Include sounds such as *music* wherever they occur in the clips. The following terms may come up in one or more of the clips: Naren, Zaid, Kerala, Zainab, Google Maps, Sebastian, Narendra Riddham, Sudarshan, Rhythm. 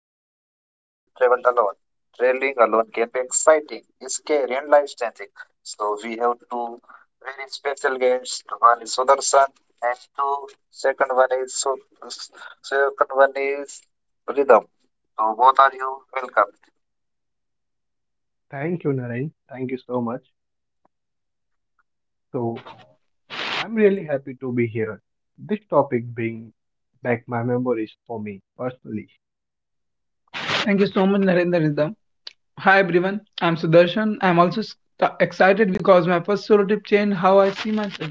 time you traveled alone. Traveling alone can be exciting, scary and life-changing. So we have two very special guests. One is Sudarshan, and two second one is so second one is Rhythm. So both are you welcome. Thank you, Naren. Thank you so much. So, I'm really happy to be here. This topic brings back my memories for me personally. Thank you so much, Narendra Riddham. Hi everyone, I'm Sudarshan. I'm also excited because my first solo trip changed how I see myself.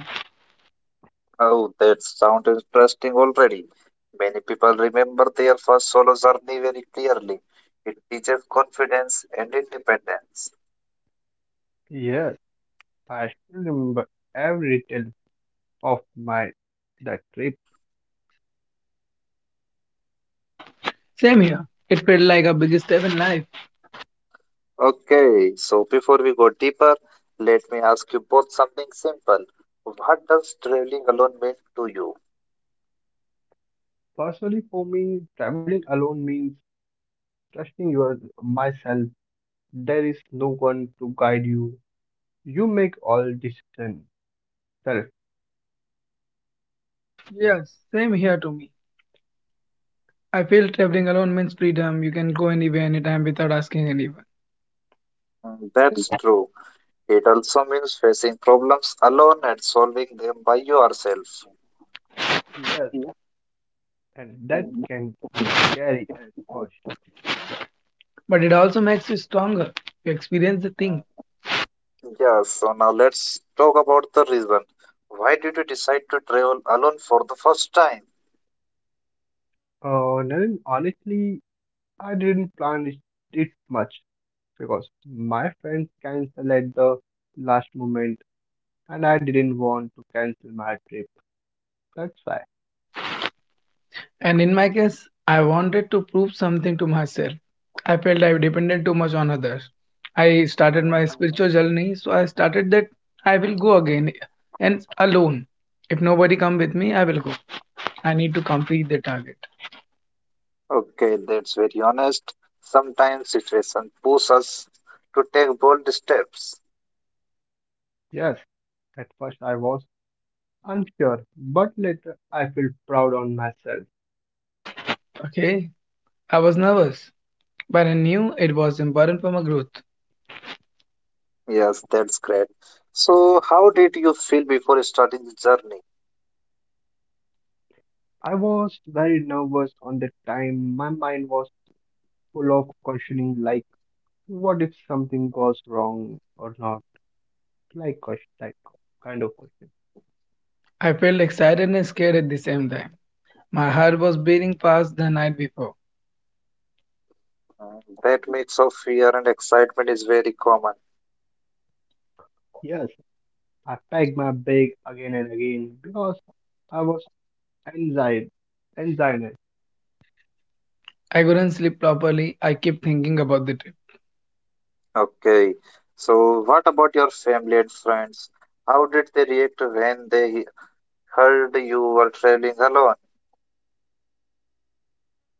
Oh, that sounds interesting already. Many people remember their first solo journey very clearly. It teaches confidence and independence. Yes, I still remember every detail of my that trip. Same here. It felt like a big step in life. Okay, so before we go deeper, let me ask you both something simple. What does traveling alone mean to you? Personally, for me, traveling alone means trusting your myself. There is no one to guide you. You make all decisions self. Yes, same here to me. I feel traveling alone means freedom. You can go anywhere, anytime without asking anyone. Mm, that's true. It also means facing problems alone and solving them by yourself. Yes, and that can be scary at first. But it also makes you stronger. You experience the Mm, thing. yes, so now let's talk about the reason. Why did you decide to travel alone for the first time? Naren, honestly, I didn't plan it much because my friend canceled at the last moment and I didn't want to cancel my trip. That's why. And in my case, I wanted to prove something to myself. I felt I depended too much on others. I started Mm, my spiritual journey, so I started that. I will go again and alone. If nobody come with me, I will go. I need to complete the target. okay, that's very honest. Sometimes situations push us to take bold steps. Yes, at first I was unsure, but later I felt proud on myself. Okay? I was nervous, but I knew it was important for my growth. Yes, that's great. So, how did you feel before starting the journey? I was very nervous on the time. My mind was full of questioning like what if something goes wrong or not? Like question like kind of question. I felt excited and scared at the same time. My heart was beating fast the night before. Mm, that mix of fear and excitement is very common. Yes, I packed my bag again and again because I was and Zaid and Zainab. I couldn't sleep properly. I kept thinking about the trip. Okay. So, what about your family and friends? How did they react when they heard you were traveling alone?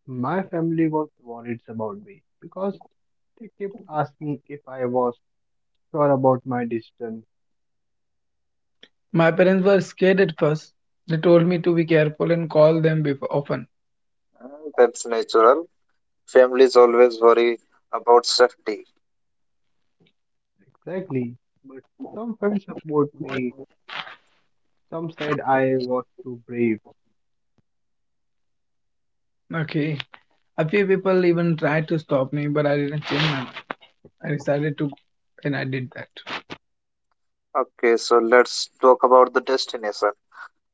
My family was worried about me because they kept asking if I was sure about my decision. My parents were scared at first. They told me to be careful and call them often. Mm, that's natural. Families always worry about safety. Exactly. But some friends support me, some said I was too brave. Okay. A few people even tried to stop me, but I didn't change my mind. I decided to, and I did that. Okay, so let's talk about the destination.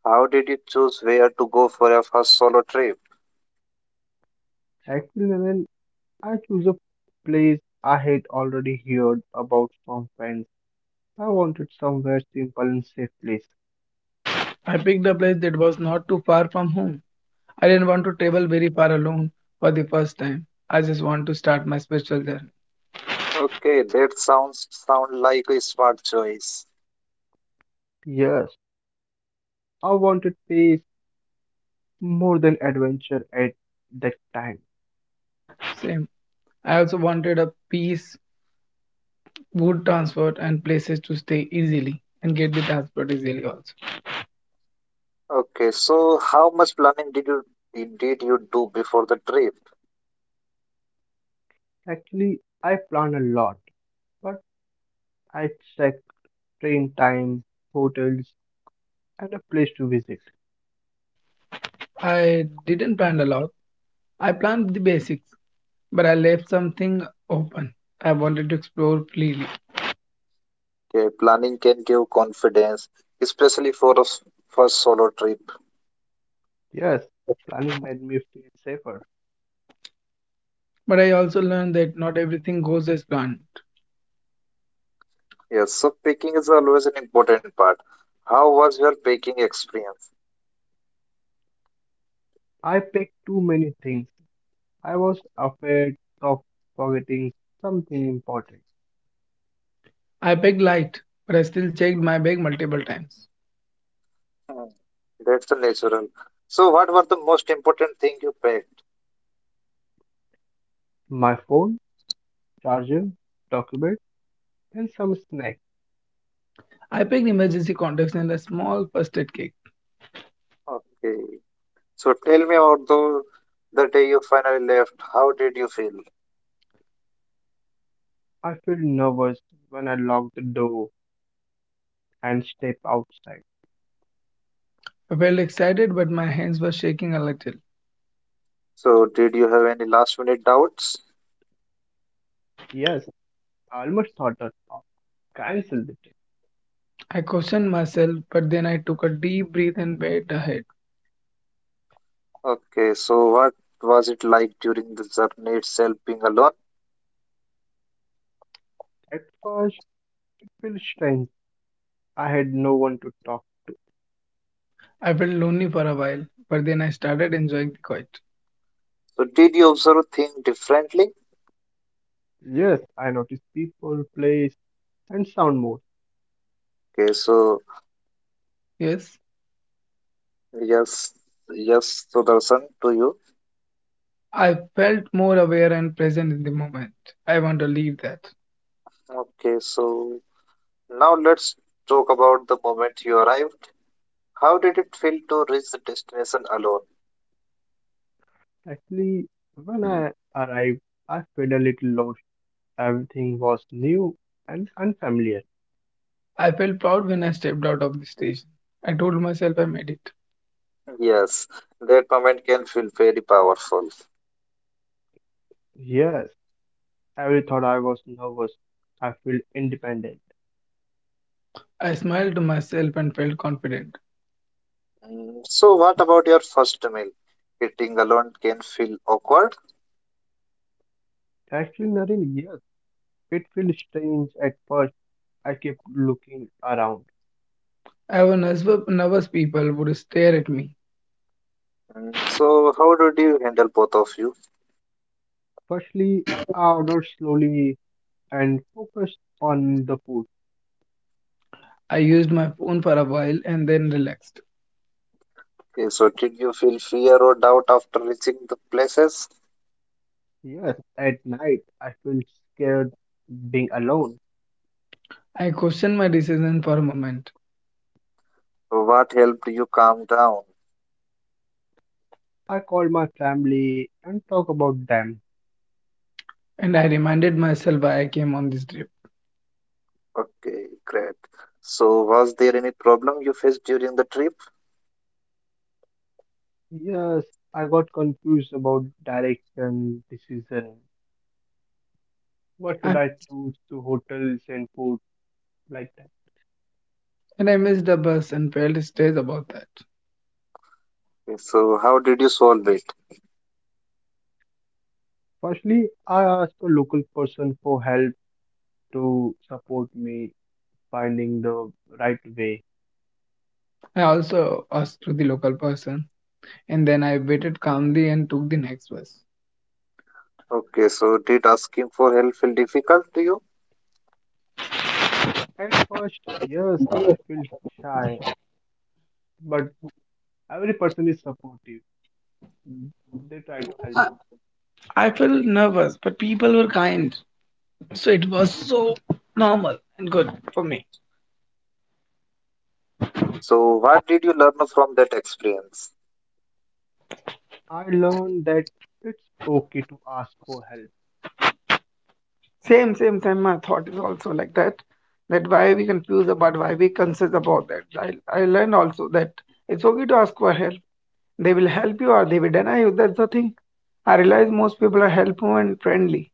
How did you choose where to go for your first solo trip? Actually, Naren, I chose a place I had already heard about from friends. I wanted somewhere simple and safe place. I picked a place that was not too far from home. I didn't want to travel very far alone for the first time. I just want to start my spiritual journey. Okay, that sounds sound like a smart choice. Yes, I wanted peace more than adventure at that time. Same. I also wanted a peace, good transport, and places to stay easily and get the transport easily also. Okay, so how much planning did you do before the trip? Actually, I planned a lot, but I checked train times, hotels, and a place to visit. I didn't plan a lot. I planned the basics, but I left something open. I wanted to explore freely, Okay, planning can give confidence, especially for a first solo trip. Yes, planning made me feel safer. but I also learned that not everything goes as planned. Yes, so packing is always an important part. How was your packing experience? I packed too many things. I was afraid of forgetting something important. I packed light, but I still checked my bag multiple times. Hmm, that's a natural. So, what were the most important thing you packed? My phone, charger, document, and some snacks. I packed emergency contacts and a small first aid kit. Okay. So tell me about the day you finally left. How did you feel? I felt nervous when I locked the door and stepped outside. I felt excited, but my hands were shaking a little. So did you have any last minute doubts? Yes, I almost thought that I canceled the trip. I questioned myself, but then I took a deep breath and went ahead. Okay, so what was it like during the journey itself being alone? At first, it felt strange. I had no one to talk. I felt lonely for a while, but then I started enjoying the quiet. So did you observe things differently? Yes, I noticed people, place, and sound mode. Okay, so, Yes. yes, yes, so Darshan to you. I felt more aware and present in the moment. I want to leave that. Okay, so now let's talk about the moment you arrived. How did it feel to reach the destination alone? Actually, when I arrived, I felt a little lost. Everything was new and unfamiliar. I felt proud when I stepped out of the station. I told myself I made it. Yes, that moment can feel very powerful. Yes, every thought I was nervous. I felt independent. I smiled to myself and felt confident. Mm, so, what about your first meal? Eating alone can feel awkward. Actually, nothing. Yes, it felt strange at first. I kept looking around. I was nervous people would stare at me. Mm, so, how did you handle both of you? Firstly, I ordered slowly and focused on the food. I used my phone for a while and then relaxed. Okay, so, did you feel fear or doubt after reaching the places? Yes, at night, I felt scared being alone. I questioned my decision for a moment, What helped you calm down? I called my family and talked about them. and I reminded myself why I came on this trip. Okay, great. So, was there any problem you faced during the trip? Yes, I got confused about direction decision. What should I, I choose to hotels and food like that? and I missed the bus and felt stressed about that. Okay, so, how did you solve it? Firstly, I asked a local person for help to support me finding the right way. I also asked to the local person, and then I waited calmly and took the next bus. Okay, so did asking for help feel difficult to you? At first, yes, I felt shy, but every person is supportive. Mm. They try to help me. I felt nervous, but people were kind. So it was so normal and good for me. So, what did you learn from that experience? I learned that it's okay to ask for help. Same, same, same. My thought is also like that. That why we confuse about why we concerned about that. I learned also that it's okay to ask for help. They will help you or they will deny you. That's the thing. I realize most people are helpful and friendly.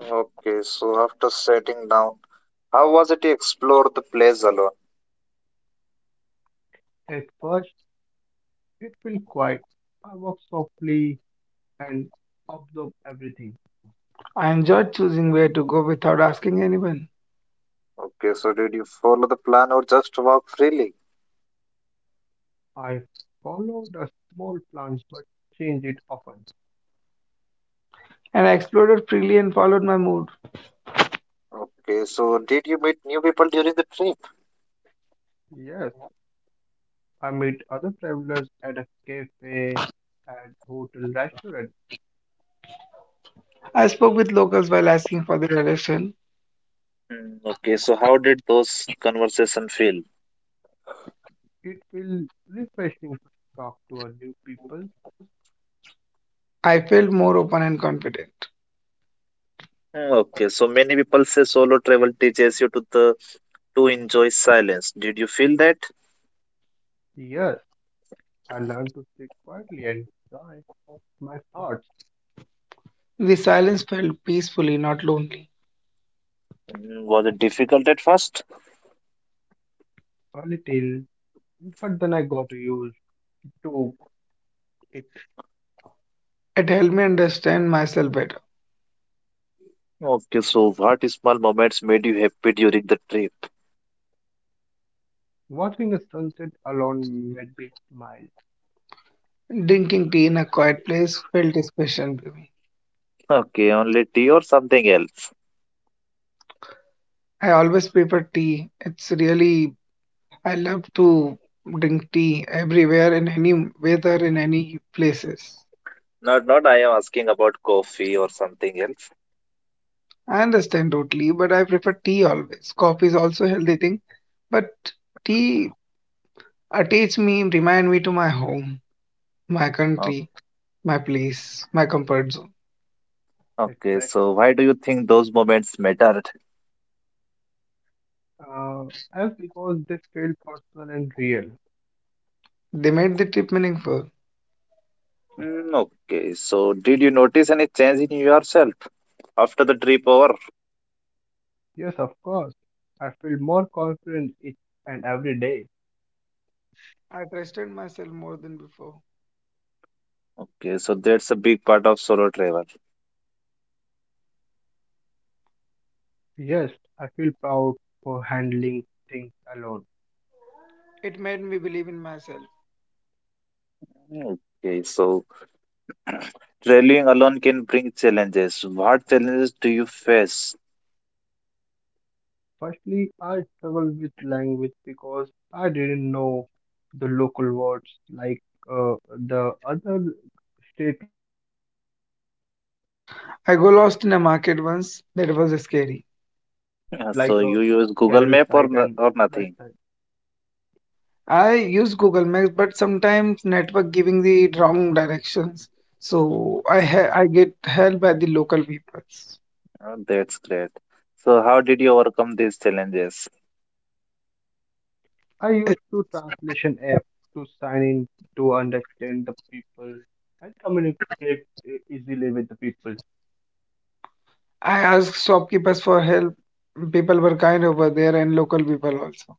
Okay, so after setting down, how was it you explored the place alone? At first, it felt quiet. I walked softly and absorb everything. I enjoyed choosing where to go without asking anyone. Okay, so did you follow the plan or just walk freely? I followed a small plans but change it often. And I explored freely and followed my mood. Okay, so did you meet new people during the trip? Yes, I meet other travelers at a cafe, at hotel restaurant. I spoke with locals while asking for their direction. Hmm, okay, so how did those conversation feel? It feels refreshing to talk to a new people. I felt more open and confident. Hmm, okay, so many people say solo travel teaches you to enjoy silence. Did you feel that? Yes, I learn to sit quietly and enjoy my thoughts The silence felt peacefully, not lonely. Hmm, was it difficult at first? a little, but then I got used to it. It helped me understand myself better. Okay, so what small moments made you happy during the trip? Watching the sunset alone made me smile. Drinking tea in a quiet place felt special to me. Okay, only tea or something else? I always prefer tea. It's really, I love to drink tea everywhere, in any weather, in any places. Not, not. I am asking about coffee or something else. I understand totally, but I prefer tea always. Coffee is also a healthy thing, but tea attach me, remind me to my home, my country, my place, my comfort zone. Okay, Exactly. so why do you think those moments mattered? Uh, as because they feel personal and real. They made the trip meaningful. Mm, okay, so did you notice any change in yourself after the trip over? Yes, of course. I feel more confident each and every day. I trusted myself more than before. Okay, so that's a big part of solo travel. Yes, I feel proud for handling things alone. It made me believe in myself. Mm, okay, so traveling alone can bring challenges. What challenges do you face? Firstly, I struggled with language because I didn't know the local words like the other state like Kerala side and I got lost West in a side. market once, that was scary. *laughs* So you use Google Map or or nothing? I use Google Maps, but sometimes network giving the wrong directions, so I get help by the local people. That's great. So how did you overcome these challenges? I used to translation app to sign in to understand the people and communicate easily with the people. I asked shopkeepers for help. People were kind over there and local people also.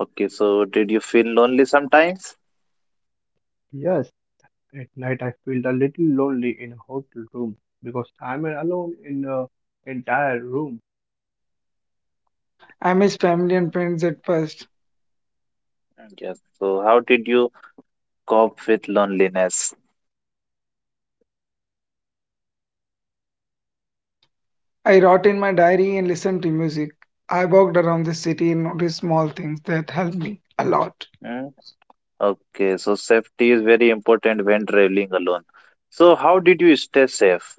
Okay, so did you feel lonely sometimes? Yes, at night, I feel a little lonely in a hotel room because I'm alone in the entire room. I missed family and friends at first. Yes. So how did you cope with loneliness? I wrote in my diary and listening to music, I wrote in my diary and listened to music. I walked around the city and noticed small things that helped me a and lot. Hmm, also sometimes watching a okay, so TV. safety is very important when traveling alone. So how did you stay safe?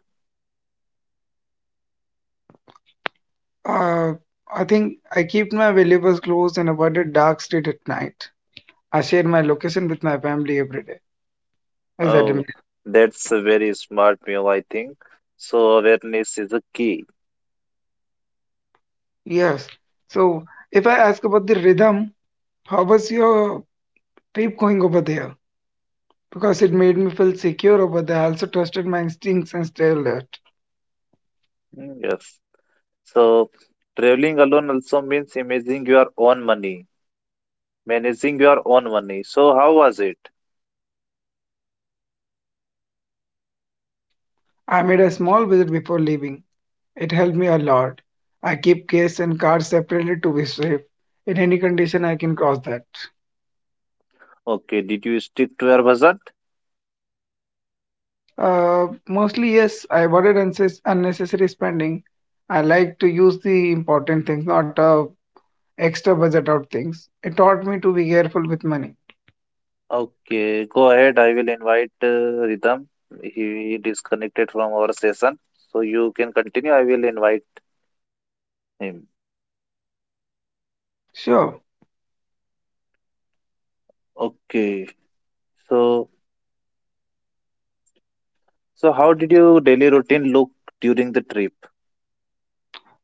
Uh, I think I keep my valuables close and avoid a dark street at And after night. some time, I I walk share my down the location with my city family and every day, notice small as I things Oh, admit. that help. that's a very smart move, I think. So awareness is a key. Yes. So if I ask about the rhythm, how I'm was audible. your trip going over there? Because it made me feel secure over there. I also trusted my instincts and stayed alert. Mm, yes. Hello, everyone. So traveling alone also means managing your own money. So Hello, how was it? are we I made a connected? small visit before leaving. It helped me a lot. I keep case and card separately to be safe. In any condition, I can cross that. Okay, did you stick to your budget? Mostly, yes, I avoided unnecessary spending. I like to use the important things, not extra budget out things. It taught me to be careful with money. Okay, go ahead. I will invite Ritam. He disconnected from our session, so you can continue. I will invite him. Sure, Okay. So, so how did your daily routine look during the trip?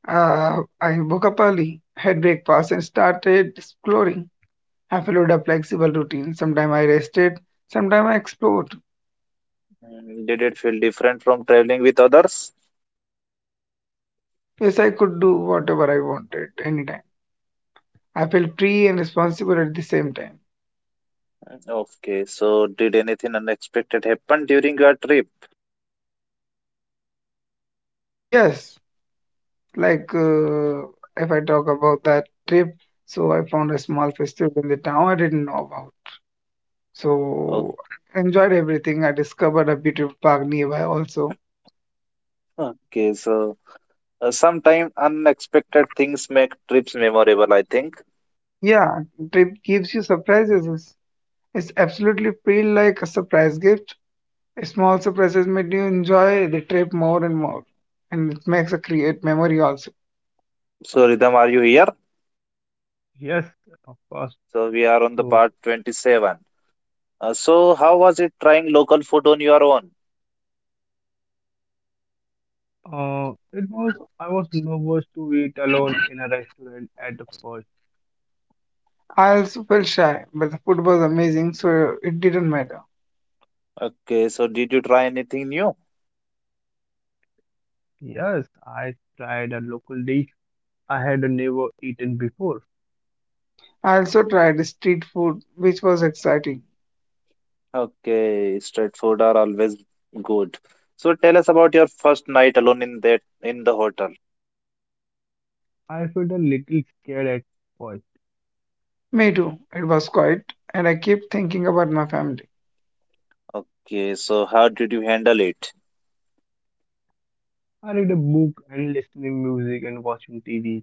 I woke up early, had breakfast, and started exploring. I followed a flexible routine. Sometimes I rested, sometimes I explored. Mm, did it feel different from traveling with others? Yes, I could do whatever I wanted anytime. I felt free and responsible at the same time. Mm, okay, so did anything unexpected happen during your trip? Yes, Like, uh, if I talk about that trip, so I found a small festival in the town I didn't know about. O- So, I enjoyed everything. I discovered a beautiful park nearby also. Okay, so sometimes unexpected things make trips memorable, I think. Yeah, trip gives you surprises. It's absolutely feel like a surprise gift. Small surprises make you enjoy the trip more and more, and it makes a create memory also. So, Ridham, are you here? Yes, of course. So, we are on the So, part 27. So, how was it trying local food on your own? It was, I was nervous to eat alone in a restaurant at first. I also felt shy, but the food was amazing, so it didn't matter. Okay, so did you try anything new? Yes, I tried a local dish I had never eaten before. I also tried the street food, which was exciting. Okay, street food are always good. So tell us about your first night alone in the hotel. I felt a little scared at first. Me too. It was quiet, and I kept thinking about my family. Okay, so how did you handle it? I read a book and listening music and watching TV.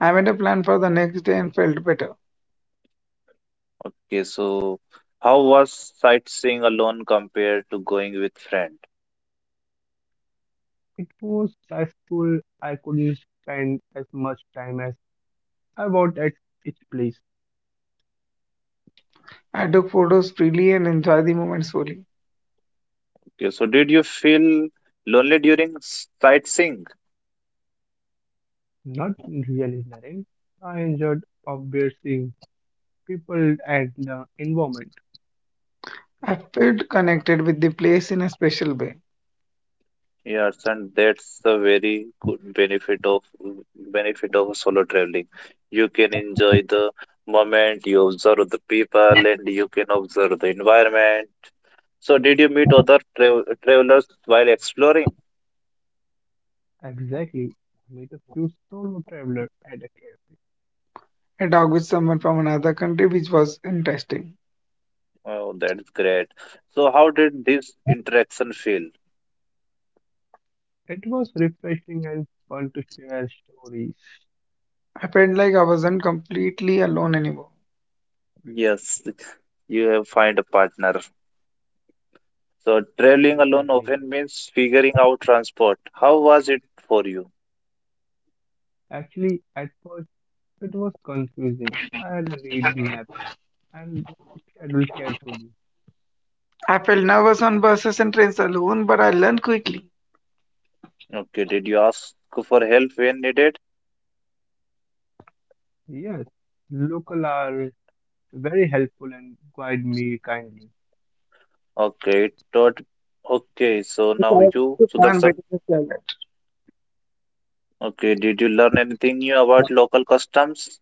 I made a plan for the next day and felt better. Okay, so how was sightseeing alone compared to going with friend? It was stressful. I couldn't spend as much time as I want at each place. I took photos freely and enjoyed the moments fully. Okay, so did you feel lonely during sightseeing? Not really, Naren. I enjoyed observing people and the environment. I felt connected with the place in a special way. Yes, and that's the very good benefit of solo traveling. You can enjoy the moment, you observe the people, and you can observe the environment. So, did you meet other travelers while exploring? Exactly. I met a few solo travelers at a cafe. I talked with someone from another country, which was interesting. Oh, that's great. So, how did this interaction feel? It was refreshing and fun to share stories. I felt like I wasn't completely alone anymore. Yes, you have find a partner. So, traveling alone Exactly. often means figuring out transport. How was it for you? Actually, at first it was confusing. I had to read maps and schedule carefully. I felt nervous on buses and trains alone, but I learned quickly. Okay, did you ask for help when needed? Yes, local are very helpful and guide me kindly. Okay, it taught. Okay, so I now you, to plan Sudarshan. better this challenge. Okay, did you learn anything new about local customs?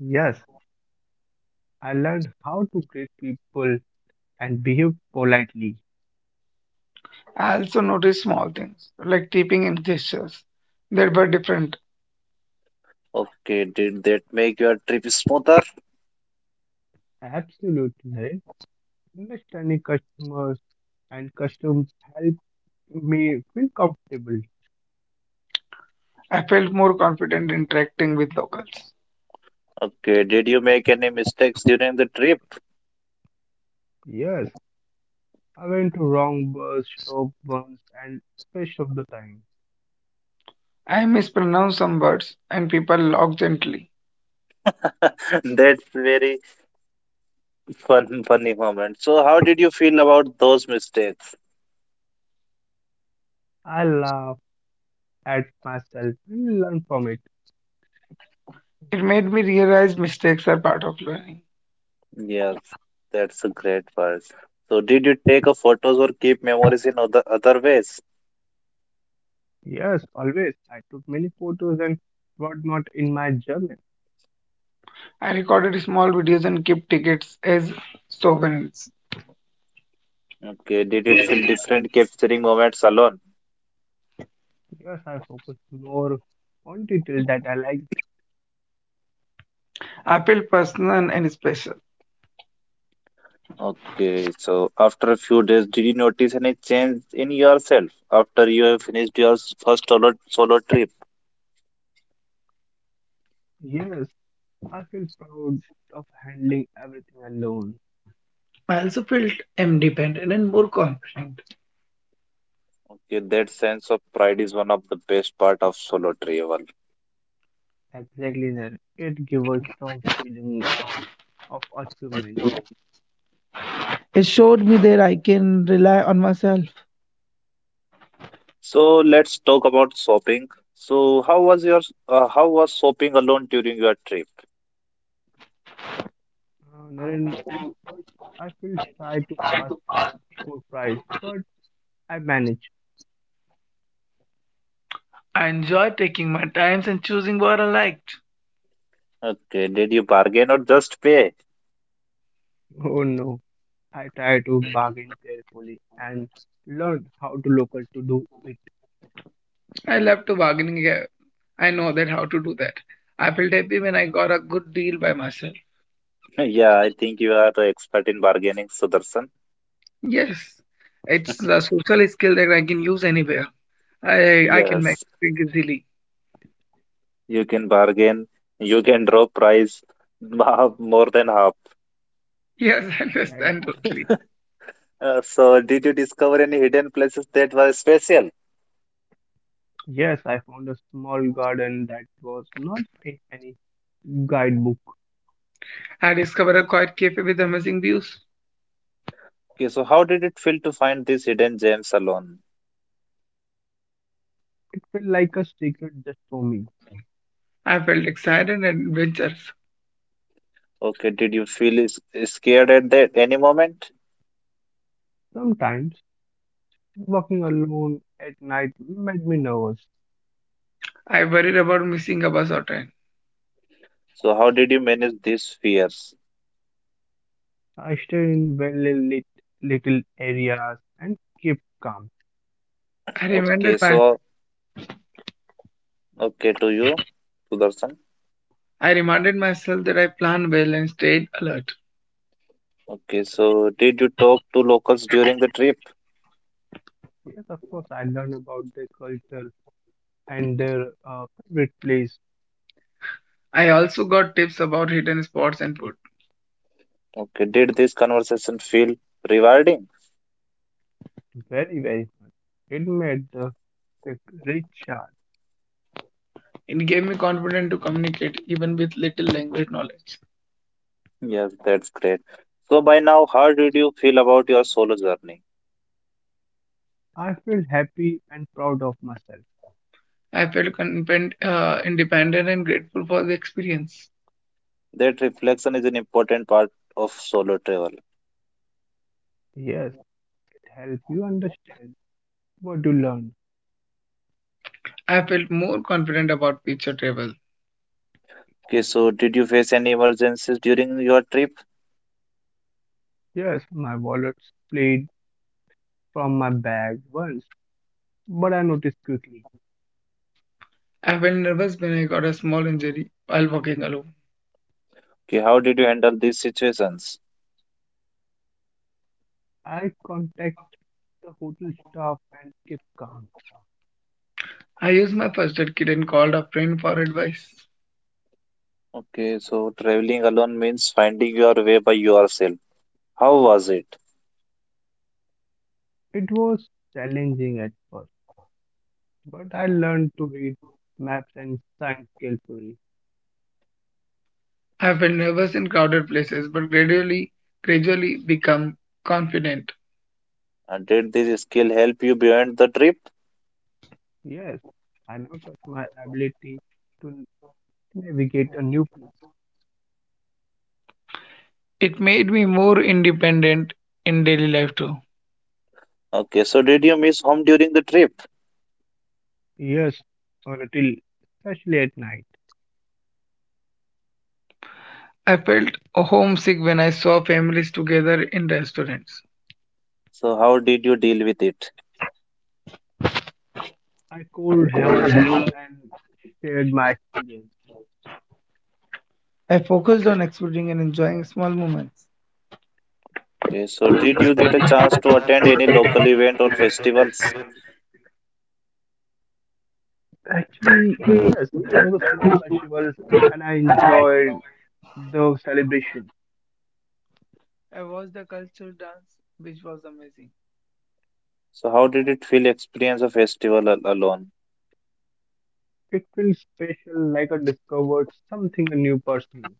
Yes, I learned how to greet people and behave politely. I also noticed small things, like tipping and gestures, that were different. Okay, did that make your trip smoother? Absolutely. Understanding customers and customs help me feel comfortable. I felt more confident interacting with locals. Okay, did you make any mistakes during the trip? Yes, I went to wrong bus stop once and fish of the time. I mispronounced some words and people laughed gently. *laughs* That's very fun, funny moment. So, how did you feel about those mistakes? I laugh at myself and learn from it. It made me realize mistakes are part of learning. Yes, that's a great part. So, did you take a photos or keep memories in other ways? Yes, always. I took many photos and whatnot in my journal. I recorded small videos and kept tickets as souvenirs. Okay, did it feel different capturing moments alone? Yes, I focused more on detail that I liked. I felt personal and special. Okay, so after a few days, did you notice any change in yourself after you have finished your first solo trip? Yes, I feel proud of handling everything alone. I also felt independent and more confident. Okay, that sense of pride is one of the best part of solo travel. Exactly, Naren. It gives a strong feeling of achievement. It showed me that I can rely on myself. So let's talk about shopping. So how was shopping alone during your trip? Naren, at first I feel shy to ask for price, but I manage. I enjoyed taking my times and choosing what I liked. Okay, did you bargain or just pay? *laughs* *laughs* Oh no, I try to bargain carefully and learn how to local to do it I love to bargaining. I know that how to do that. I felt happy when I got a good deal by myself. Yeah, I think you are the expert in bargaining, Sudarshan. Yes, it's a social skill that I can use anywhere. I can make Yes, drink easily. you can bargain. You can drop price *laughs* more than half. Yes, *laughs* I understand totally. exactly. *laughs* So did you discover any hidden places that were special? Yes, I found a small garden that was not in any guidebook. I discovered a quiet cafe with amazing views. Okay, so how did it feel to find these hidden gems alone? It felt like a secret just for me. I felt excited and adventurous. Okay, did you feel scared at that any moment? Sometimes walking alone at night made me nervous. I worried about missing a bus or train. So how did you manage these fears? I stayed in well lit little areas and kept calm. I reminded Okay, my so okay to you, Sudarshan. I reminded myself that I planned well and stayed alert. Okay, so did you talk to locals during the trip? Yes, of course, I learned about their culture and their favorite place. I also got tips about hidden spots and food. Okay, did this conversation feel rewarding? Very, very fun. It made the pic rich sharp. It gave me confidence to communicate even with little language knowledge. Yes, that's great. So by now, how did you feel about your solo journey? I felt happy and proud of myself. I felt independent and grateful for the experience. That reflection is an important part of solo travel. Yes, it helped you understand what you learned. I felt more confident about future travel. Okay, so did you face any emergencies during your trip? Yes, my wallet split from my bag once, but I noticed quickly. I felt nervous when I got a small injury while walking alone. Okay, how did you handle these situations? I contacted the hotel staff and kept calm. I used my first aid kit and called a friend for advice. Okay, so traveling alone means finding your way by yourself. How was it? It was challenging at first, but I learned to read maps and signs carefully. I felt nervous in crowded places but gradually became confident. And did this skill help you beyond the trip? Yes, I now trust my ability to navigate a new place. It made me more independent in daily life too. Okay, so did you miss home during the trip? Yes, a little, especially at night. I felt homesick when I saw families together in restaurants. So how did you deal with it? I called home and shared my experience. I focused on exploring and enjoying small moments. Okay, so did People you get started a chance to attend any transported and local local event or events on festivals? festivals. Actually, yes, there was a small festival and I enjoyed the celebration. I watched the culture dance, which was amazing. So how did it feel experience a festival alone? It felt special, like I discovered something new personal.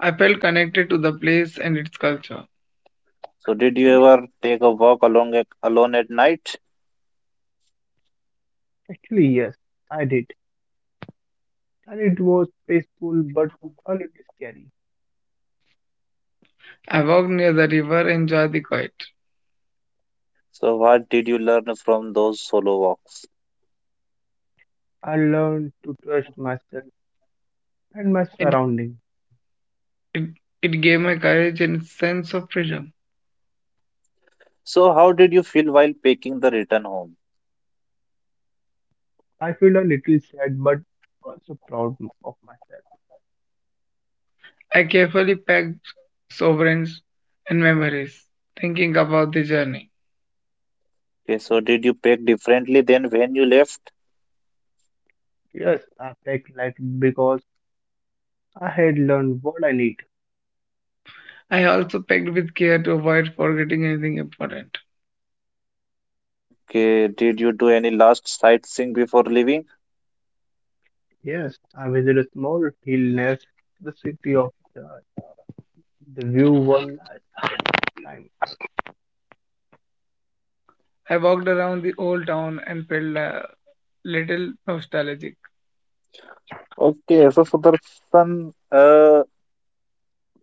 I felt connected to the place and its culture. So did you ever take a walk along alone at night? Actually, yes, I did. And it was peaceful but a little scary. I walked near the river and enjoyed the quiet. So what did you learn from those solo walks? I learned to trust myself and my It, surroundings. it, it gave me courage and sense of freedom. So how did you feel while packing the return home? I feel a little sad but also proud of myself. I carefully packed sovereigns and memories, thinking about the journey. Okay, so did you pack differently than when you left? Yes, I packed light because I had learned what I need. I also packed with care to avoid forgetting anything important. Okay, did you do any last sightseeing before leaving? Yes, I visited a small hill near the city of the view one last time. I walked around the old town and felt a little nostalgic. Okay, so Sudarshan,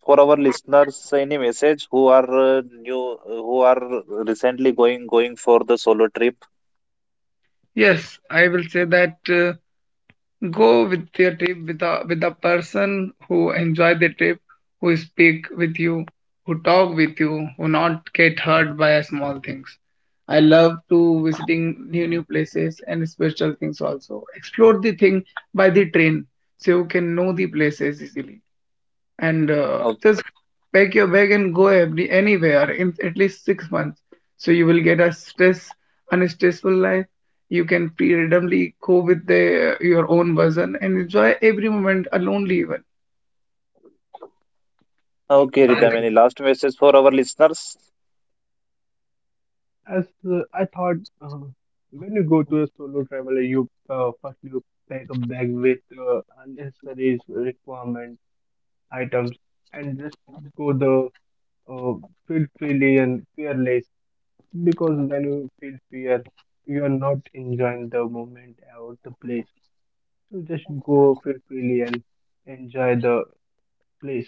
for our listeners, any message who are new, who are recently going for the solo trip? Yes, I will say that go with your trip with a person who enjoy the trip, who speak with you, who talk with you, who not get hurt by small things. I love to visiting new places and special things also. Explore the thing by the train so you can know the places easily, and O- just pack your bag and go every, anywhere in at least 6 months. So you will get a stress, unstressful life. You can freedomly go with the, your own version and enjoy every moment, a lonely one. Exactly, okay, Ritam, any Sebastian. last message for our listeners? As I thought, when you go to a solo travel, you first you pack a bag with unnecessary requirement items and just go the uh, feel freely and fearless. Because when you feel fear, you are not enjoying the moment or the place. So just go feel freely and enjoy the place.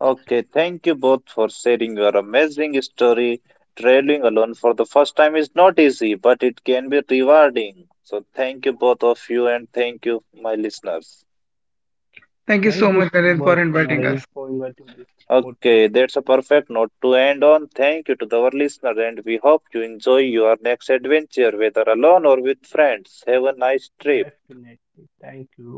Okay, thank you both for sharing your amazing story. Traveling alone for the first time is not easy, but it can be rewarding. So thank you both of you, and thank you, my listeners. Thank you Thank so you much, so Naren, much, for inviting Naren, us. for inviting this podcast. Okay, that's a perfect note to end on. Thank you to our listener, and we hope you enjoy your next adventure, whether alone or with friends. Have a nice trip. Definitely. Thank you.